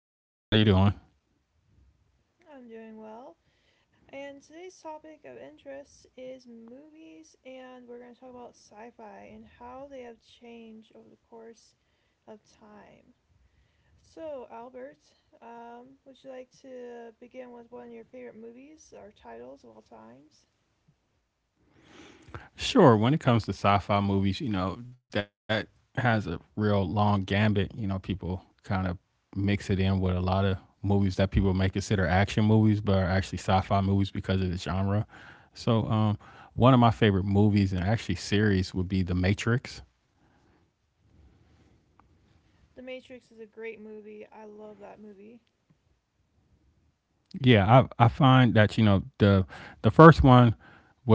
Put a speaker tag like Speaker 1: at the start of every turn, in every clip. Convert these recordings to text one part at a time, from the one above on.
Speaker 1: Hello, how you doing?
Speaker 2: I'm doing well. And today's topic of interest is movies, and we're going to talk about sci fi and how they have changed over the course of time. So, Albert, would you like to begin with one of your favorite movies or titles of all times?
Speaker 1: Sure, when it comes to sci-fi movies, you know, that has a real long gambit. You know, people kind of mix it in with a lot of movies that people may consider action movies, but are actually sci-fi movies because of the genre. So one of my favorite movies and actually series would be The Matrix.
Speaker 2: The Matrix is a great movie. I love that movie.
Speaker 1: Yeah, I find that you know the first one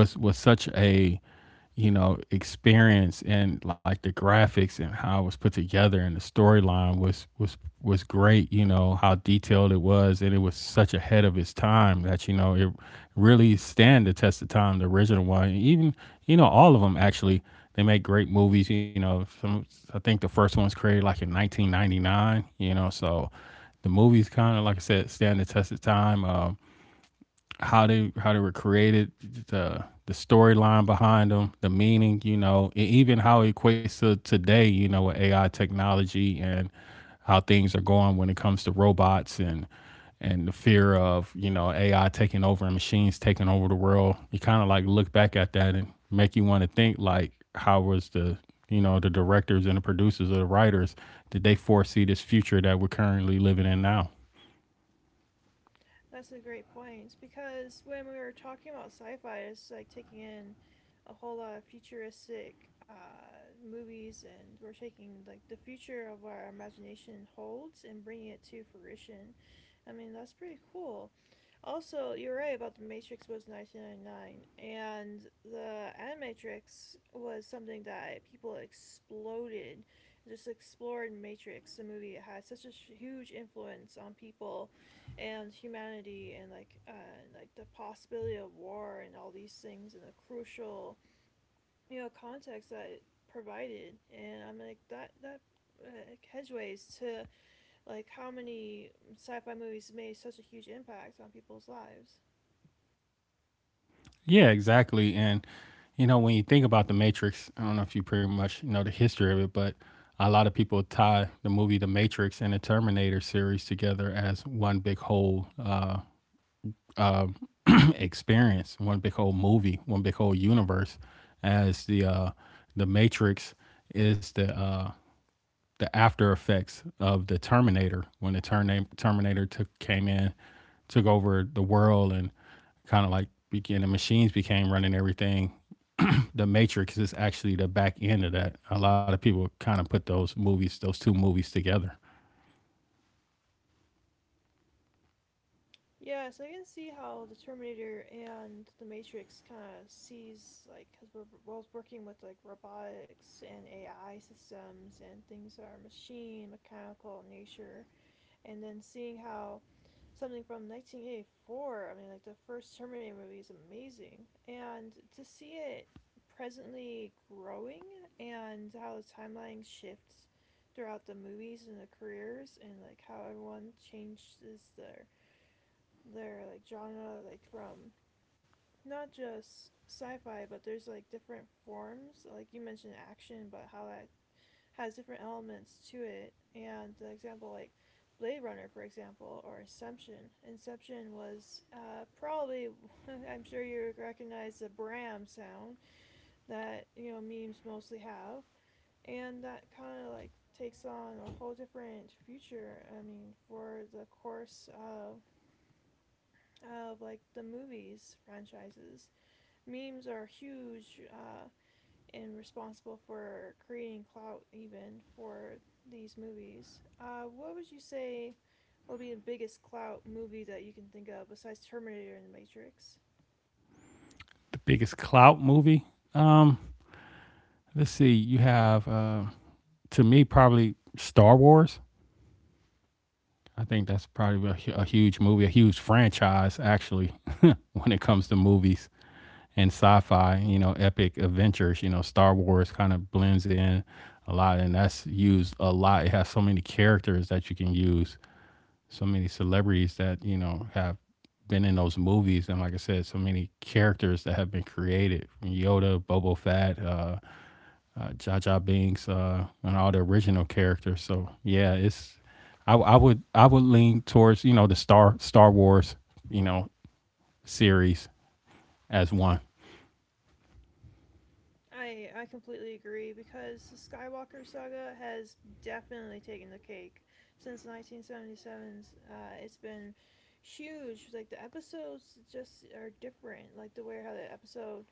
Speaker 1: was such a you know experience, and like the graphics and how it was put together, and the storyline was great. You know how detailed it was, and it was such ahead of its time that you know it really stand the test of time. The original one, and even you know all of them actually they make great movies. You know some I think the first one was created like in 1999. You know, so the movies kind of, like I said, stand the test of time. How they how they were created, the storyline behind them, the meaning, you know, and even how it equates to today, you know, with AI technology and how things are going when it comes to robots and the fear of, you know, AI taking over and machines taking over the world. You kind of like look back at that and make you want to think, like, how was the, you know, the directors and the producers or the writers, did they foresee this future that we're currently living in now?
Speaker 2: That's a great point because when we were talking about sci-fi, it's like taking in a whole lot of futuristic movies, and we're taking like the future of what our imagination holds and bringing it to fruition. I mean, that's pretty cool. Also, you're right about the Matrix was 1999, and the Animatrix was something that people exploded, just explored Matrix, the movie. It had such a huge influence on people and humanity, and and like the possibility of war and all these things and the crucial, you know, context that it provided. And I'm like, that that hedgeways to like how many sci-fi movies made such a huge impact on people's lives.
Speaker 1: Yeah, exactly. And you know, when you think about the Matrix, I don't know if you pretty much know the history of it, but a lot of people tie the movie The Matrix and the Terminator series together as one big whole uh, experience, one big whole movie, one big whole universe. As the Matrix is the after effects of the Terminator, when the Terminator took came in, took over the world, and kind of like began the machines became running everything. The Matrix is actually the back end of that. A lot of people kind of put those movies, those two movies, together.
Speaker 2: Yeah, so I can see how the Terminator and the Matrix kind of sees like, because we're both working with like robotics and AI systems and things that are machine mechanical in nature. And then seeing how something from 1984, I mean like the first Terminator movie is amazing. And to see it presently growing and how the timeline shifts throughout the movies and the careers, and like how everyone changes their like genre, like from not just sci-fi, but there's like different forms like you mentioned action, but how that has different elements to it. And the example, like Blade Runner, for example, or Inception. Inception was probably, I'm sure you recognize the Bram sound that, you know, memes mostly have. And that kind of like takes on a whole different future, I mean, for the course of like the movies franchises. Memes are huge. And responsible for creating clout even for these movies. What would you say would be the biggest clout movie that you can think of besides Terminator and The Matrix?
Speaker 1: The biggest clout movie. Um, let's see. You have to me probably Star Wars. I think that's probably a huge movie, a huge franchise actually when it comes to movies and sci-fi, you know, epic adventures. You know, Star Wars kind of blends in a lot, and that's used a lot. It has so many characters that you can use, so many celebrities that you know have been in those movies, and like I said, so many characters that have been created, from Yoda, Bobo Fett, Jaja Binks, and all the original characters. So yeah, it's I would I would lean towards, you know, the Star Wars you know series as one.
Speaker 2: I completely agree because the Skywalker saga has definitely taken the cake since 1977's. It's been huge. Like the episodes just are different. Like the way how the episode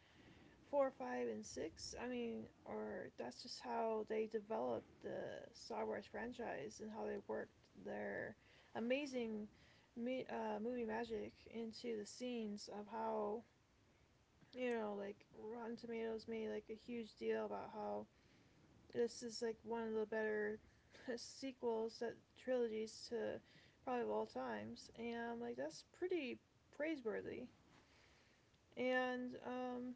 Speaker 2: four, five, and six. I mean, or that's just how they developed the Star Wars franchise and how they worked their amazing movie magic into the scenes of how, you know, like Rotten Tomatoes made like a huge deal about how this is like one of the better sequels, that trilogies, to probably of all times, and like that's pretty praiseworthy. And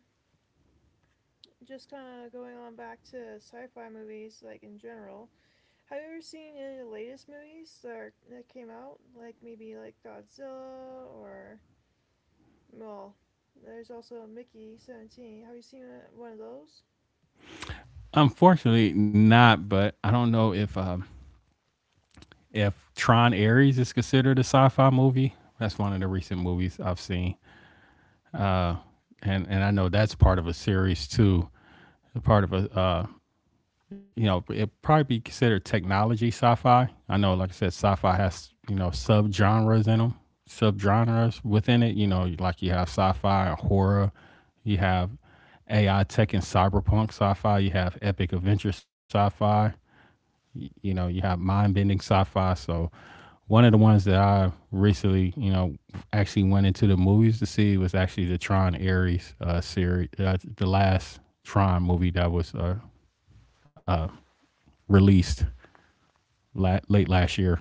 Speaker 2: just kind of going on back to sci-fi movies, like in general. Have you ever seen any of the latest movies that are, that came out? Like maybe like Godzilla? Or well, there's also Mickey 17. Have you seen one of those?
Speaker 1: Unfortunately, not. But I don't know if Tron Ares is considered a sci-fi movie. That's one of the recent movies I've seen, uh, and I know that's part of a series too. Part of a you know, it probably be considered technology sci-fi. I know, like I said, sci-fi has, you know, sub-genres in them, sub-genres within it. You know, like you have sci-fi or horror, you have AI tech and cyberpunk sci-fi, you have epic adventure sci-fi, you know, you have mind bending sci fi. So one of the ones that I recently, you know, actually went into the movies to see was actually the Tron Ares series, the last Tron movie that was released late last year.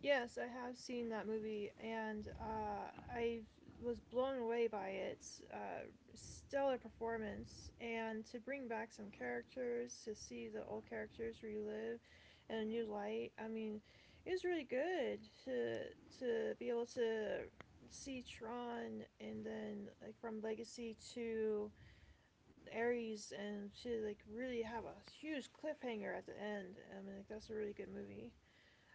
Speaker 2: Yes, I have seen that movie, and I was blown away by its stellar performance. And to bring back some characters, to see the old characters relive in a new light, I mean, it was really good to to be able to see Tron, and then like from Legacy to Ares, and to like really have a huge cliffhanger at the end. I mean, like that's a really good movie.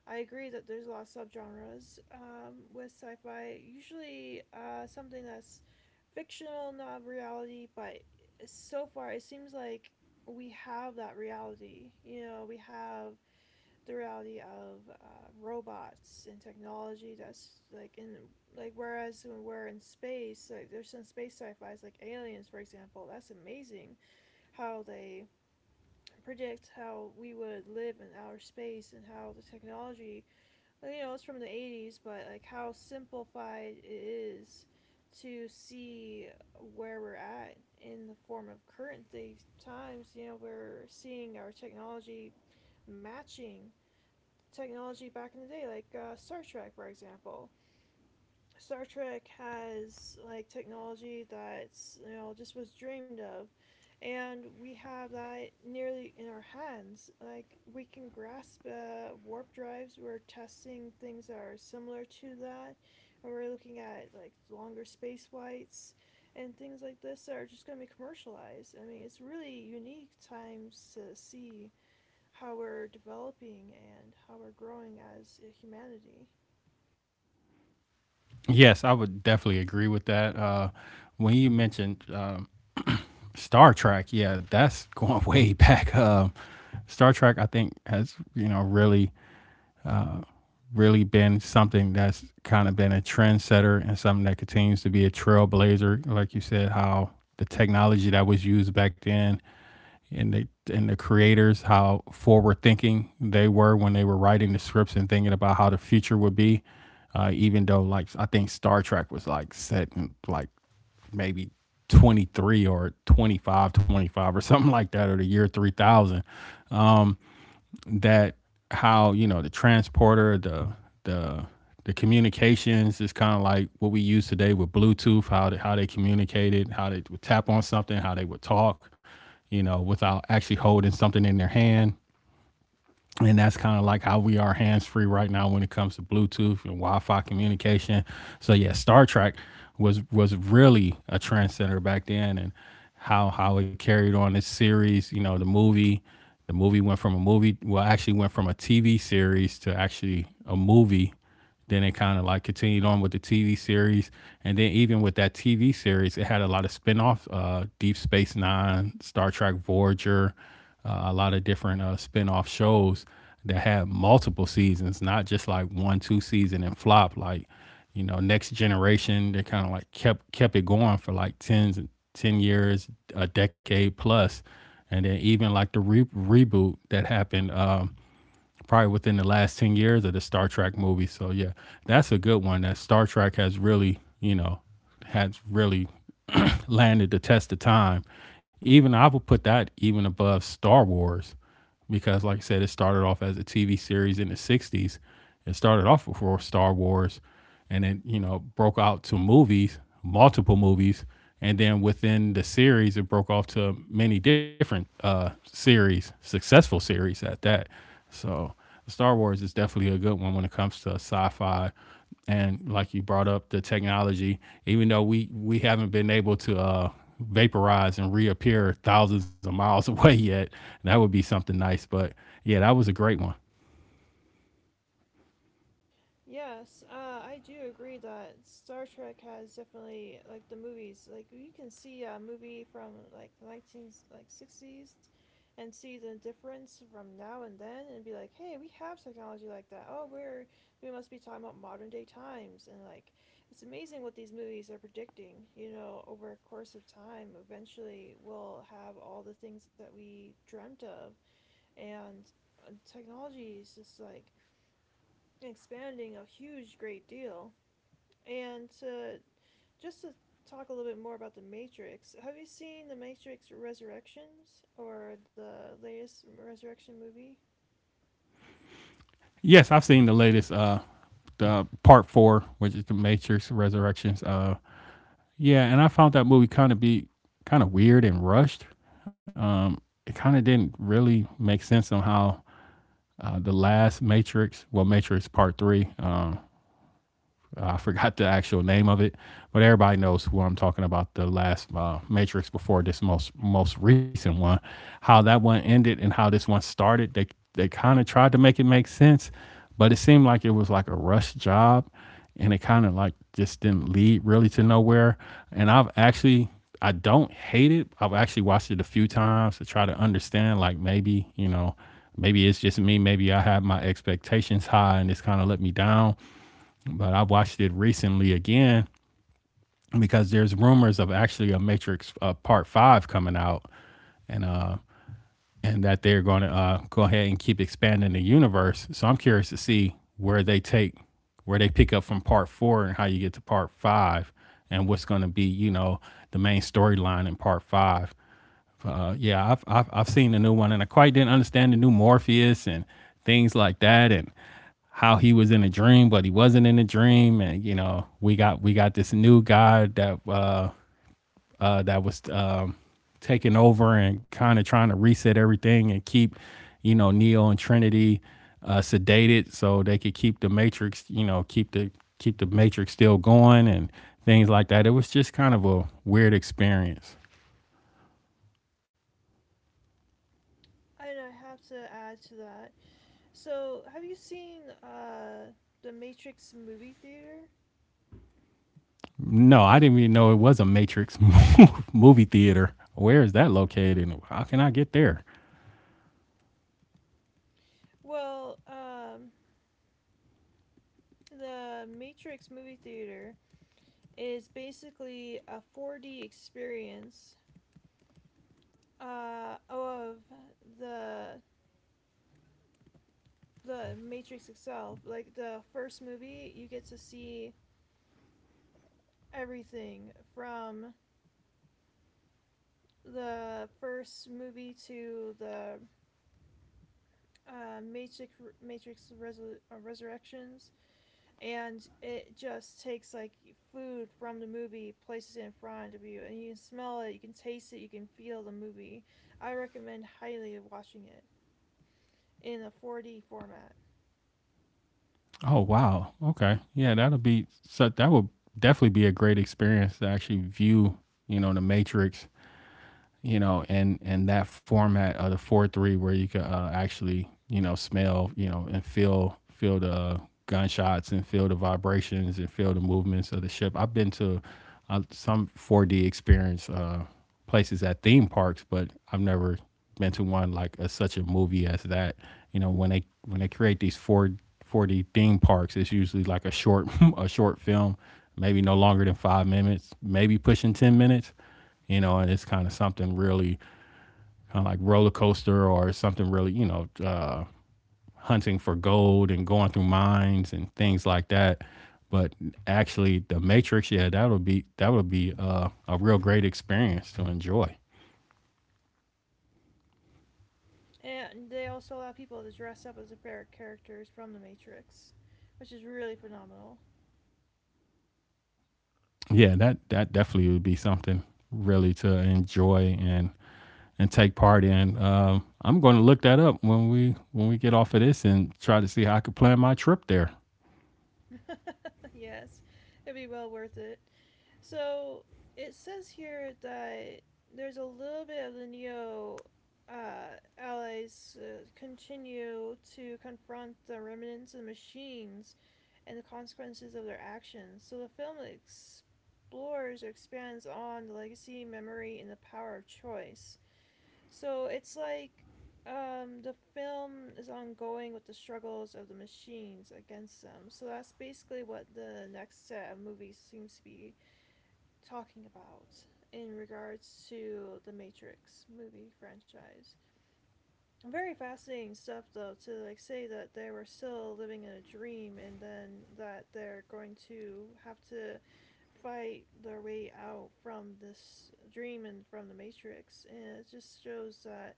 Speaker 2: I agree that there's a lot of subgenres with sci-fi. Usually, something that's fictional, not reality. But so far, it seems like we have that reality. You know, we have the reality of robots and technology. That's like in, like, whereas when we're in space, like there's some space sci-fi's like aliens, for example. That's amazing how they predict how we would live in outer space, and how the technology, well, you know, it's from the 80s, but like how simplified it is to see where we're at in the form of current these times. You know, we're seeing our technology matching technology back in the day, like Star Trek, for example. Star Trek has like technology that's, you know, just was dreamed of, and we have that nearly in our hands. Like we can grasp warp drives. We're testing things that are similar to that, and we're looking at like longer space flights and things like this that are just going to be commercialized. I mean, it's really unique times to see how we're developing and how we're growing as a humanity.
Speaker 1: Yes, I would definitely agree with that. When you mentioned Star Trek, yeah, that's going way back. Star Trek, I think, has, you know, really really been something that's kind of been a trendsetter, and something that continues to be a trailblazer. Like you said, how the technology that was used back then and the and the creators, how forward thinking they were when they were writing the scripts and thinking about how the future would be, even though, like, I think Star Trek was like set in like maybe 23 or 25 25 or something like that, or the year 3000, that how, you know, the transporter, the the communications is kind of like what we use today with Bluetooth. How they communicated, how they would tap on something, how they would talk, you know, without actually holding something in their hand, and that's kind of like how we are hands free right now when it comes to Bluetooth and Wi-Fi communication. So yeah, Star Trek was really a trendsetter back then, and how it carried on this series. You know, the movie went from a movie, well, actually went from a TV series to actually a movie, then it kind of like continued on with the TV series, and then even with that TV series, it had a lot of spin-offs, Deep Space Nine, Star Trek Voyager, a lot of different spin-off shows that had multiple seasons, not just like one, two season and flop. Like, you know, Next Generation, they kind of like kept it going for like ten years, a decade plus, and then even like the reboot that happened. Probably within the last 10 years of the Star Trek movie. So yeah, that's a good one. That Star Trek has really, you know, has really landed the test of time. Even I would put that even above Star Wars because, like I said, it started off as a TV series in the 60s. It started off before Star Wars, and then, you know, broke out to movies, multiple movies. And then within the series, it broke off to many different series, successful series at that. So Star Wars is definitely a good one when it comes to sci fi, and like you brought up the technology, even though we haven't been able to vaporize and reappear thousands of miles away yet, that would be something nice. But yeah, that was a great one.
Speaker 2: Yes, I do agree that Star Trek has definitely, like the movies. Like you can see a movie from like nineteen, like, sixties, and see the difference from now and then, and be like, hey, we have technology like that. Oh, we must be talking about modern day times, and like it's amazing what these movies are predicting. You know, over a course of time, eventually we'll have all the things that we dreamt of, and technology is just like expanding a huge great deal. And just to talk a little bit more about the Matrix, have you seen the Matrix Resurrections, or the latest Resurrection movie?
Speaker 1: Yes, I've seen the latest the part four, which is the Matrix Resurrections. Yeah, and I found that movie kind of be kind of weird and rushed. Um, it kind of didn't really make sense on how the last Matrix, well, Matrix Part Three. I forgot the actual name of it, but everybody knows who I'm talking about. The last Matrix before this most recent one, how that one ended and how this one started. They kind of tried to make it make sense, but it seemed like it was like a rush job, and it kind of like just didn't lead really to nowhere. And I've actually I don't hate it. I've actually watched it a few times to try to understand, like, maybe, you know, maybe it's just me. Maybe I have my expectations high, and it's kind of let me down, but I watched it recently again because there's rumors of actually a Matrix Part Five coming out, and uh, and that they're going to go ahead and keep expanding the universe. So I'm curious to see where they pick up from Part Four and how you get to Part Five, and what's going to be, you know, the main storyline in Part Five. Yeah, I've seen the new one, and I quite didn't understand the new Morpheus and things like that, and how he was in a dream, but he wasn't in a dream, and you know, we got this new guy that that was taking over and kind of trying to reset everything and keep, you know, Neo and Trinity sedated so they could keep the Matrix, you know, keep the Matrix still going and things like that. It was just kind of a weird experience.
Speaker 2: And I have to add to that. So, have you seen the Matrix movie theater?
Speaker 1: No, I didn't even know it was a Matrix movie theater. Where is that located? How can I get there?
Speaker 2: Well, the Matrix movie theater is basically a 4D experience of the the Matrix itself. Like the first movie, you get to see everything from the first movie to the uh, Matrix Resurrections, and it just takes like food from the movie, places it in front of you, and you can smell it, you can taste it, you can feel the movie. I recommend highly watching it in a 4D format.
Speaker 1: Oh wow. Okay. Yeah, that'll be, so that would definitely be a great experience to actually view, you know, the Matrix, you know, and that format of the four three where you can, actually, you know, smell, you know, and feel the gunshots and feel the vibrations and feel the movements of the ship. I've been to some 4D experience places at theme parks, but I've never been to one like such a movie as that. You know, when they create these 4 4D theme parks, it's usually like a short a short film, maybe no longer than 5 minutes, maybe pushing 10 minutes. You know, and it's kind of something really kind of like roller coaster or something really you know hunting for gold and going through mines and things like that. But actually, the Matrix, yeah, that would be a real great experience to enjoy.
Speaker 2: And they also allow people to dress up as their favorite characters from The Matrix, which is really phenomenal.
Speaker 1: Yeah, that definitely would be something really to enjoy and take part in. I'm going to look that up when we get off of this and try to see how I could plan my trip there.
Speaker 2: Yes, it'd be well worth it. So it says here that there's a little bit of the Neo allies continue to confront the remnants of the machines and the consequences of their actions. So the film explores or expands on the legacy, memory, and the power of choice. So it's like, the film is ongoing with the struggles of the machines against them. So that's basically what the next set of movies seems to be talking about in regards to the Matrix movie franchise. Very fascinating stuff though, to like say that they were still living in a dream, and then that they're going to have to fight their way out from this dream and from the Matrix. And it just shows that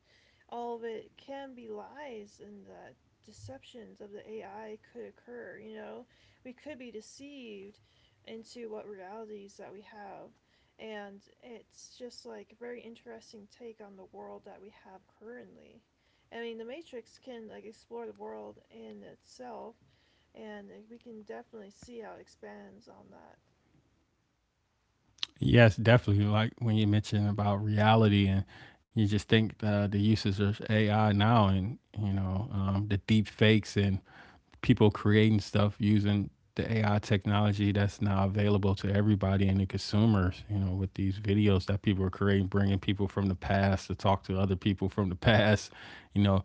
Speaker 2: all of it can be lies, and that deceptions of the AI could occur. You know, we could be deceived into what realities that we have, and it's just like a very interesting take on the world that we have currently. I mean, the Matrix can like explore the world in itself, and we can definitely see how it expands on that.
Speaker 1: Yes, definitely. Like when you mentioned about reality and you just think the uses of AI now, and you know, the deep fakes and people creating stuff using the AI technology that's now available to everybody and the consumers, you know, with these videos that people are creating, bringing people from the past to talk to other people from the past, you know,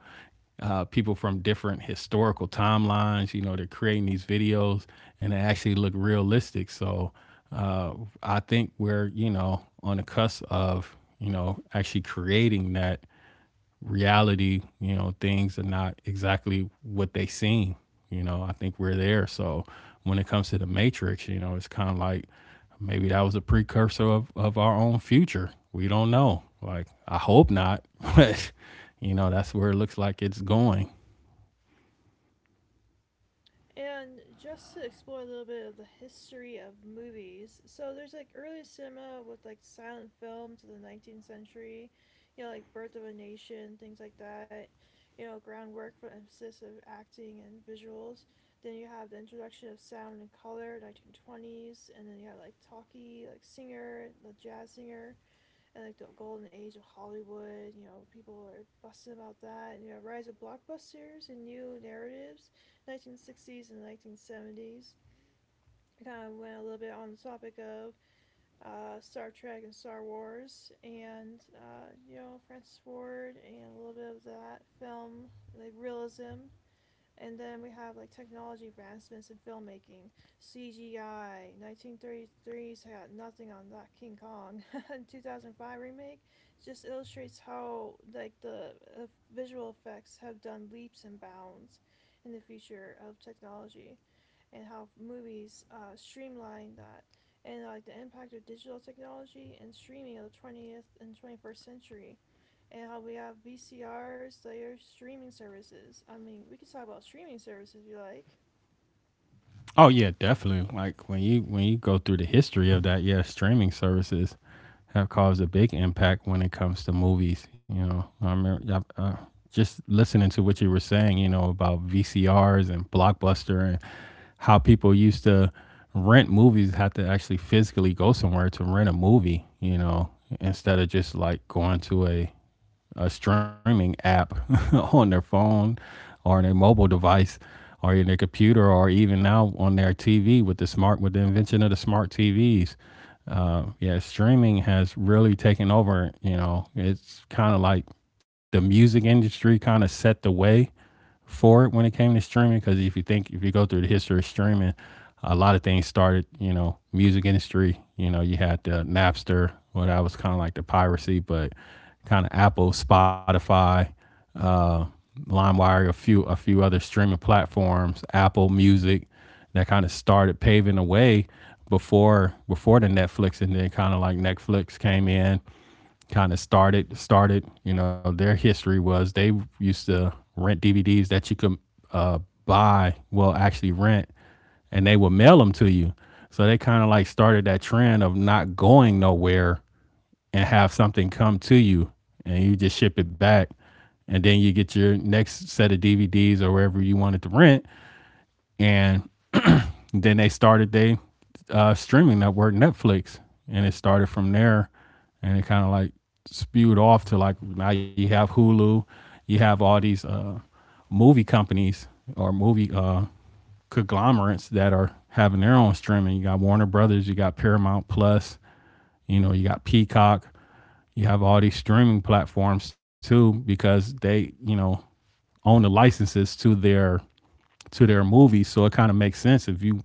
Speaker 1: people from different historical timelines, you know, they're creating these videos, and they actually look realistic. So uh, I think we're, you know, on the cusp of, you know, actually creating that reality, you know, things are not exactly what they seem. You know, I think we're there. So when it comes to the Matrix, you know, it's kind of like maybe that was a precursor of our own future. We don't know. Like, I hope not, but, you know, that's where it looks like it's going.
Speaker 2: And just to explore a little bit of the history of movies, so there's like early cinema with like silent film to the 19th century, you know, like Birth of a Nation, things like that. You know, groundwork for emphasis of acting and visuals. Then you have the introduction of sound and color, 1920s, and then you have like talkie, like singer, the jazz singer, and like the golden age of Hollywood. You know, people are busting about that. And you have rise of blockbusters and new narratives, 1960s and 1970s. I kind of went a little bit on the topic of Star Trek and Star Wars, and you know, Francis Ford, and a little bit of that film like realism. And then we have like technology advancements in filmmaking, CGI. 1933's had nothing on that King Kong. 2005 remake just illustrates how like the visual effects have done leaps and bounds in the future of technology, and how movies streamline that. And like the impact of digital technology and streaming of the 20th and 21st century, and how we have VCRs, they are streaming services. I mean, we could talk about streaming services if you like.
Speaker 1: Oh yeah, definitely. Like when you go through the history of that, yeah, streaming services have caused a big impact when it comes to movies. You know, I remember just listening to what you were saying. You know, about VCRs and Blockbuster and how people used to rent movies, had to actually physically go somewhere to rent a movie. You know, instead of just like going to a streaming app on their phone or in their mobile device or in their computer or even now on their TV with the smart with the invention of the smart TVs. Yeah, streaming has really taken over. You know, it's kind of like the music industry kind of set the way for it when it came to streaming. Because if you think, if you go through the history of streaming, a lot of things started, you know, music industry, you know, you had the Napster, what that was kind of like the piracy, but kind of Apple, Spotify, uh, Limewire, a few other streaming platforms, Apple Music, that kind of started paving the way before the Netflix. And then kind of like Netflix came in, kind of started, you know. Their history was they used to rent DVDs that you could uh, buy, well actually rent, and they would mail them to you. So they kind of like started that trend of not going nowhere and have something come to you, and you just ship it back, and then you get your next set of DVDs or wherever you wanted to rent. And then they started their streaming network, Netflix, and it started from there. And it kind of like spewed off to, like, now you have Hulu, you have all these movie companies or movie conglomerates that are having their own streaming. You got Warner Brothers, you got Paramount Plus, you know, you got Peacock, you have all these streaming platforms too, because they, you know, own the licenses to their movies. So it kind of makes sense, if you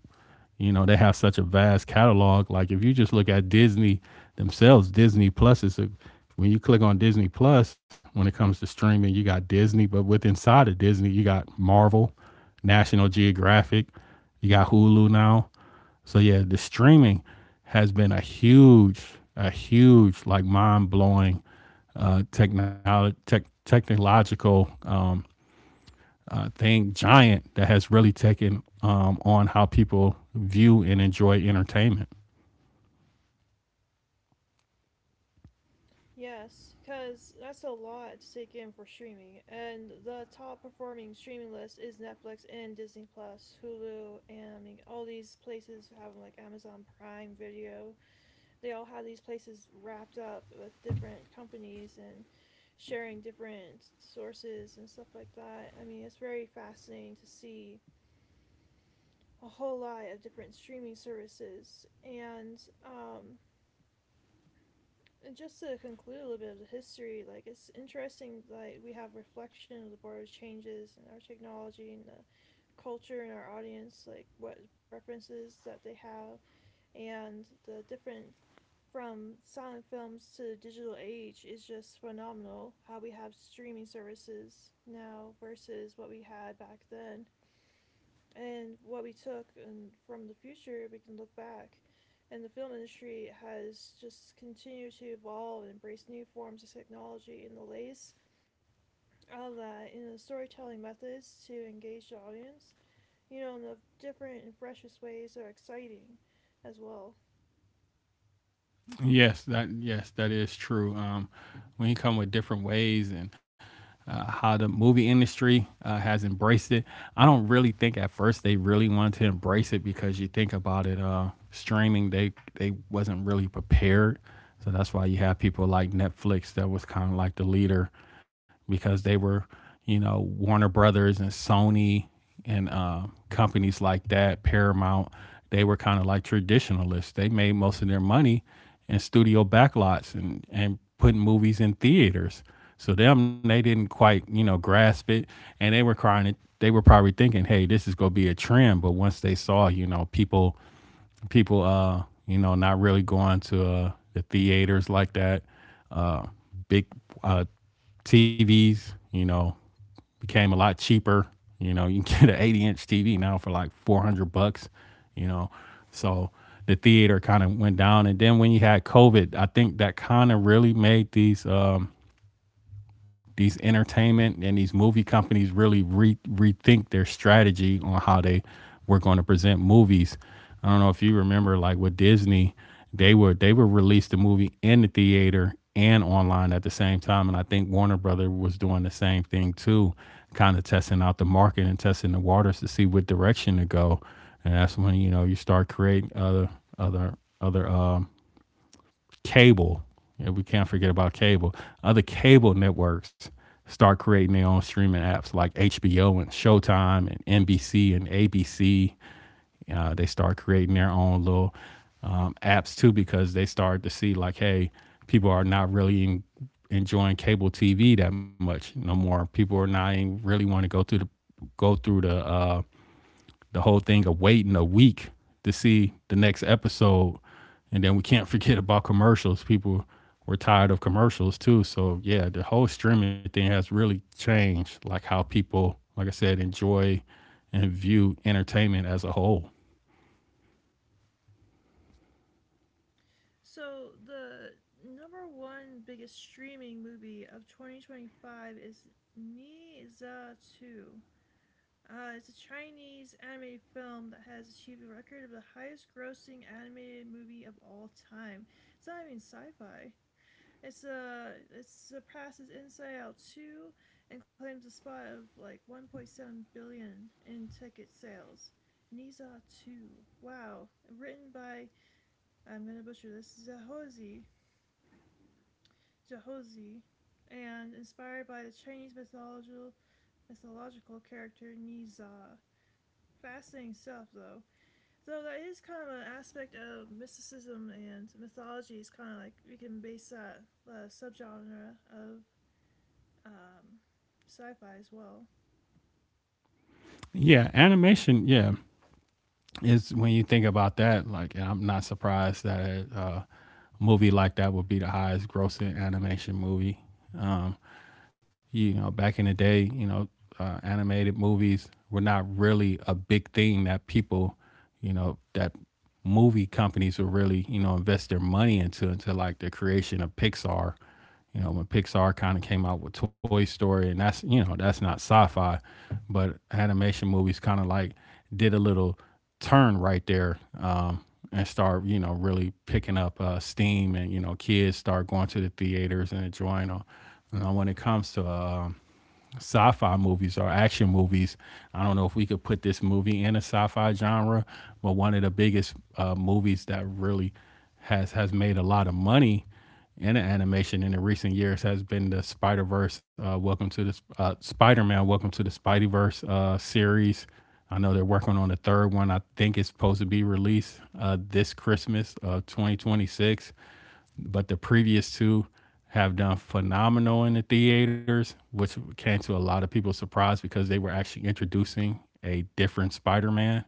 Speaker 1: you know, they have such a vast catalog. Like if you just look at Disney themselves, Disney Plus is a when you click on Disney Plus, when it comes to streaming, you got Disney, but with inside of Disney, you got Marvel, National Geographic, you got Hulu now. So yeah, the streaming has been a huge, like, mind blowing technology, technological thing, giant, that has really taken on how people view and enjoy entertainment.
Speaker 2: Yes, because that's a lot to take in for streaming, and the top performing streaming list is Netflix and Disney Plus, Hulu, and I mean all these places have like Amazon Prime Video. They all have these places wrapped up with different companies and sharing different sources and stuff like that. I mean, it's very fascinating to see a whole lot of different streaming services. And just to conclude a little bit of the history, like it's interesting, like we have reflection of the board changes and our technology and the culture and our audience, like what preferences that they have. And the different from silent films to the digital age is just phenomenal. How we have streaming services now versus what we had back then, and what we took, and from the future we can look back. And the film industry has just continued to evolve and embrace new forms of technology, and the latest of that in the storytelling methods to engage the audience, you know, in the different and freshest ways that are exciting as well.
Speaker 1: Yes, that is true. We come with different ways and how the movie industry has embraced it. I don't really think at first they really wanted to embrace it, because you think about it, streaming, they wasn't really prepared, so that's why you have people like Netflix that was kind of like the leader, because they were, you know, Warner Brothers and Sony and companies like that, Paramount, they were kind of like traditionalists. They made most of their money in studio backlots and putting movies in theaters. So them, they didn't quite you know grasp it, and they were crying. They were probably thinking, "Hey, this is gonna be a trend." But once they saw, you know, people, you know, not really going to the theaters like that. Uh, big uh, TVs, you know, became a lot cheaper. You know, you can get an 80-inch TV now for like 400 bucks, you know. So the theater kind of went down. And then when you had COVID, I think that kind of really made these. These entertainment and these movie companies really rethink their strategy on how they were going to present movies. I don't know if you remember, like with Disney, they would release the movie in the theater and online at the same time, and I think Warner Brother was doing the same thing too, kind of testing out the market and testing the waters to see what direction to go. And that's when you know you start creating other other cable, and we can't forget about cable, other cable networks start creating their own streaming apps like HBO and Showtime and NBC and ABC. They start creating their own little apps too, because they started to see like, hey, people are not really enjoying cable TV that much no more. People are not even really want to go through the whole thing of waiting a week to see the next episode. And then we can't forget about commercials. People were tired of commercials too. So yeah, the whole streaming thing has really changed like how people, like I said, enjoy and view entertainment as a whole.
Speaker 2: So the number one biggest streaming movie of 2025 is Niza 2. It's a Chinese animated film that has achieved a record of the highest grossing animated movie of all time. It's not even sci-fi. It's uh, it surpasses Inside Out 2 and claims a spot of like $1.7 billion in ticket sales. Niza 2. Wow. Written by, I'm gonna butcher this, Zahozi, Jahozi, and inspired by the Chinese mythological character Niza. Fascinating stuff though. So that is kind of an aspect of mysticism and mythology. Is kind of like we can base that subgenre of um, sci-fi as well.
Speaker 1: Yeah, animation, yeah, is when you think about that, like, and I'm not surprised that a movie like that would be the highest grossing animation movie. Um you know, back in the day, you know, animated movies were not really a big thing that people, you know, that movie companies would really, you know, invest their money into, until like the creation of Pixar. You know, when Pixar kind of came out with Toy Story, and that's, you know, that's not sci-fi, but animation movies kind of like did a little turn right there, and start, you know, really picking up steam, and, you know, kids start going to the theaters and enjoying them. You know, when it comes to, sci-fi movies or action movies. I don't know if we could put this movie in a sci-fi genre, but one of the biggest movies that really has made a lot of money in animation in the recent years has been the Spider Verse. Welcome to the Spider Man. Welcome to the Spideyverse series. I know they're working on the third one. I think it's supposed to be released this Christmas of 2026, but the previous two have done phenomenal in the theaters, which came to a lot of people's surprise, because they were actually introducing a different Spider Man.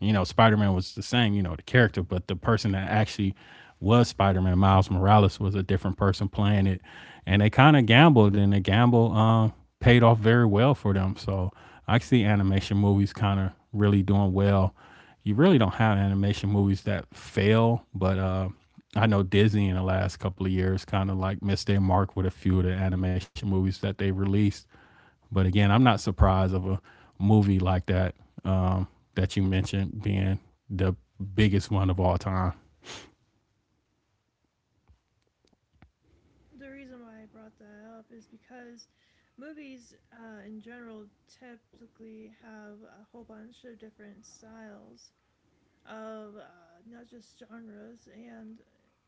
Speaker 1: You know, Spider Man was the same, you know, the character, but the person that actually was Spider Man, Miles Morales, was a different person playing it. And they kind of gambled, and the gamble paid off very well for them. So I see animation movies kind of really doing well. You really don't have animation movies that fail, but I know Disney in the last couple of years kind of like missed their mark with a few of the animation movies that they released. But again, I'm not surprised of a movie like that um, that you mentioned being the biggest one of all time.
Speaker 2: The reason why I brought that up is because movies in general typically have a whole bunch of different styles of not just genres. And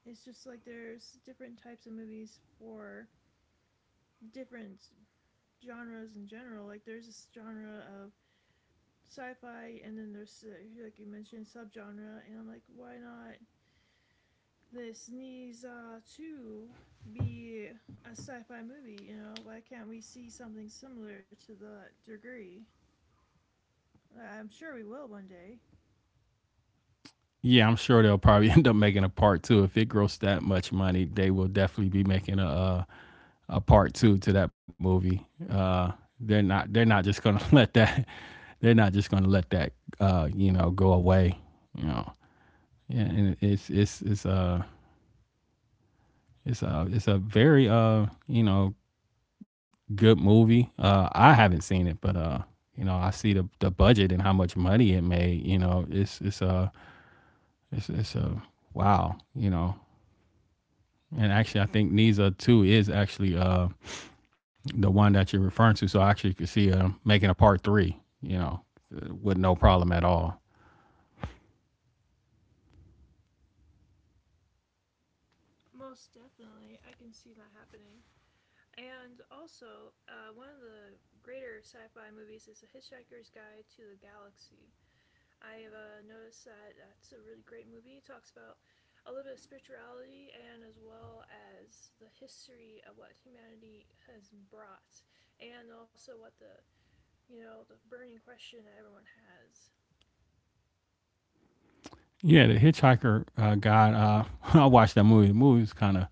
Speaker 2: it's just like there's different types of movies for different genres in general. Like there's this genre of sci-fi, and then there's, like you mentioned, subgenre, and I'm like, why not this needs to be a sci-fi movie? You know, why can't we see something similar to that degree? I'm sure we will one day.
Speaker 1: Yeah, I'm sure they'll probably end up making a part two. If it grossed that much money, they will definitely be making a part two to that movie. They're not just gonna let that they're not just gonna let that you know go away. You know, yeah, and it's a it's a very you know good movie. I haven't seen it, but you know, I see the budget and how much money it made. You know, it's a wow. You know, and actually, I think Niza Two is actually the one that you're referring to. So I actually could see, making a part three. You know, with no problem at all.
Speaker 2: Most definitely, I can see that happening. And also, one of the greater sci-fi movies is The Hitchhiker's Guide to the Galaxy. I've noticed that that's a really great movie. It talks about a little bit of spirituality, and as well as the history of what humanity has brought, and also what the, you know, the burning question that everyone has.
Speaker 1: Yeah, the Hitchhiker guy. I watched that movie. The movie's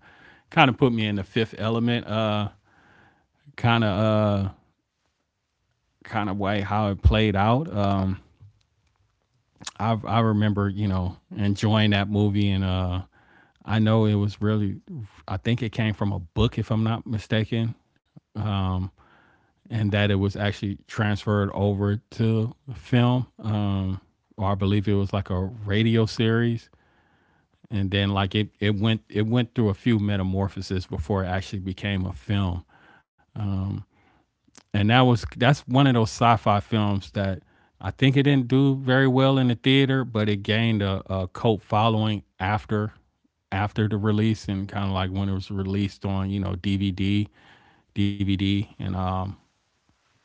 Speaker 1: kind of put me in the Fifth Element. Kind of uh Kind of way how it played out. I remember you know enjoying that movie, and I know it was really, I think it came from a book, if I'm not mistaken, um and that it was actually transferred over to film, or I believe it was like a radio series, and then like it went through a few metamorphoses before it actually became a film. um and that was that's one of those sci-fi films that I think it didn't do very well in the theater, but it gained a cult following after the release, and kind of like when it was released on, you know, DVD,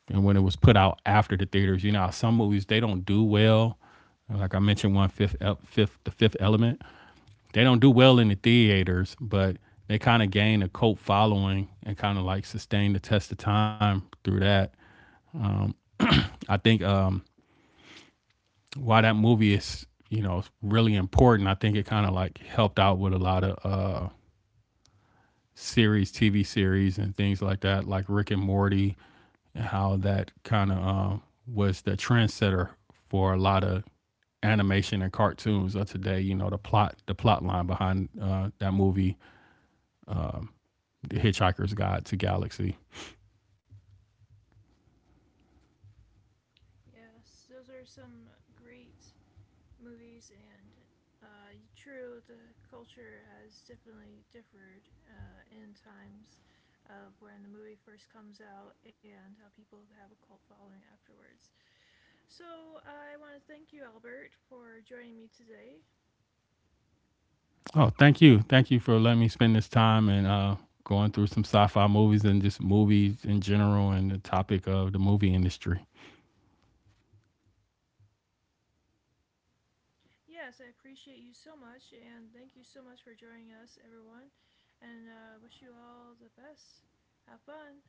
Speaker 1: and when it was put out after the theaters. You know, some movies they don't do well. Like I mentioned, one fifth fifth the Fifth Element, they don't do well in the theaters, but they kind of gain a cult following and kind of like sustain the test of time through that. I think, why that movie is, you know, really important. I think it kind of like helped out with a lot of TV series, and things like that, like Rick and Morty, and how that kind of was the trendsetter for a lot of animation and cartoons of today. You know the plot line behind that movie, The Hitchhiker's Guide to Galaxy.
Speaker 2: Yes, those are some great movies. And true, the culture has definitely differed in times of when the movie first comes out, and how people have a cult following afterwards. So, I want to thank you, Albert, for joining me today.
Speaker 1: Oh, thank you. Thank you for letting me spend this time and going through some sci fi movies and just movies in general, and the topic of the movie industry.
Speaker 2: Yes, I appreciate you so much, and thank you so much for joining us, everyone. And wish you all the best. Have fun.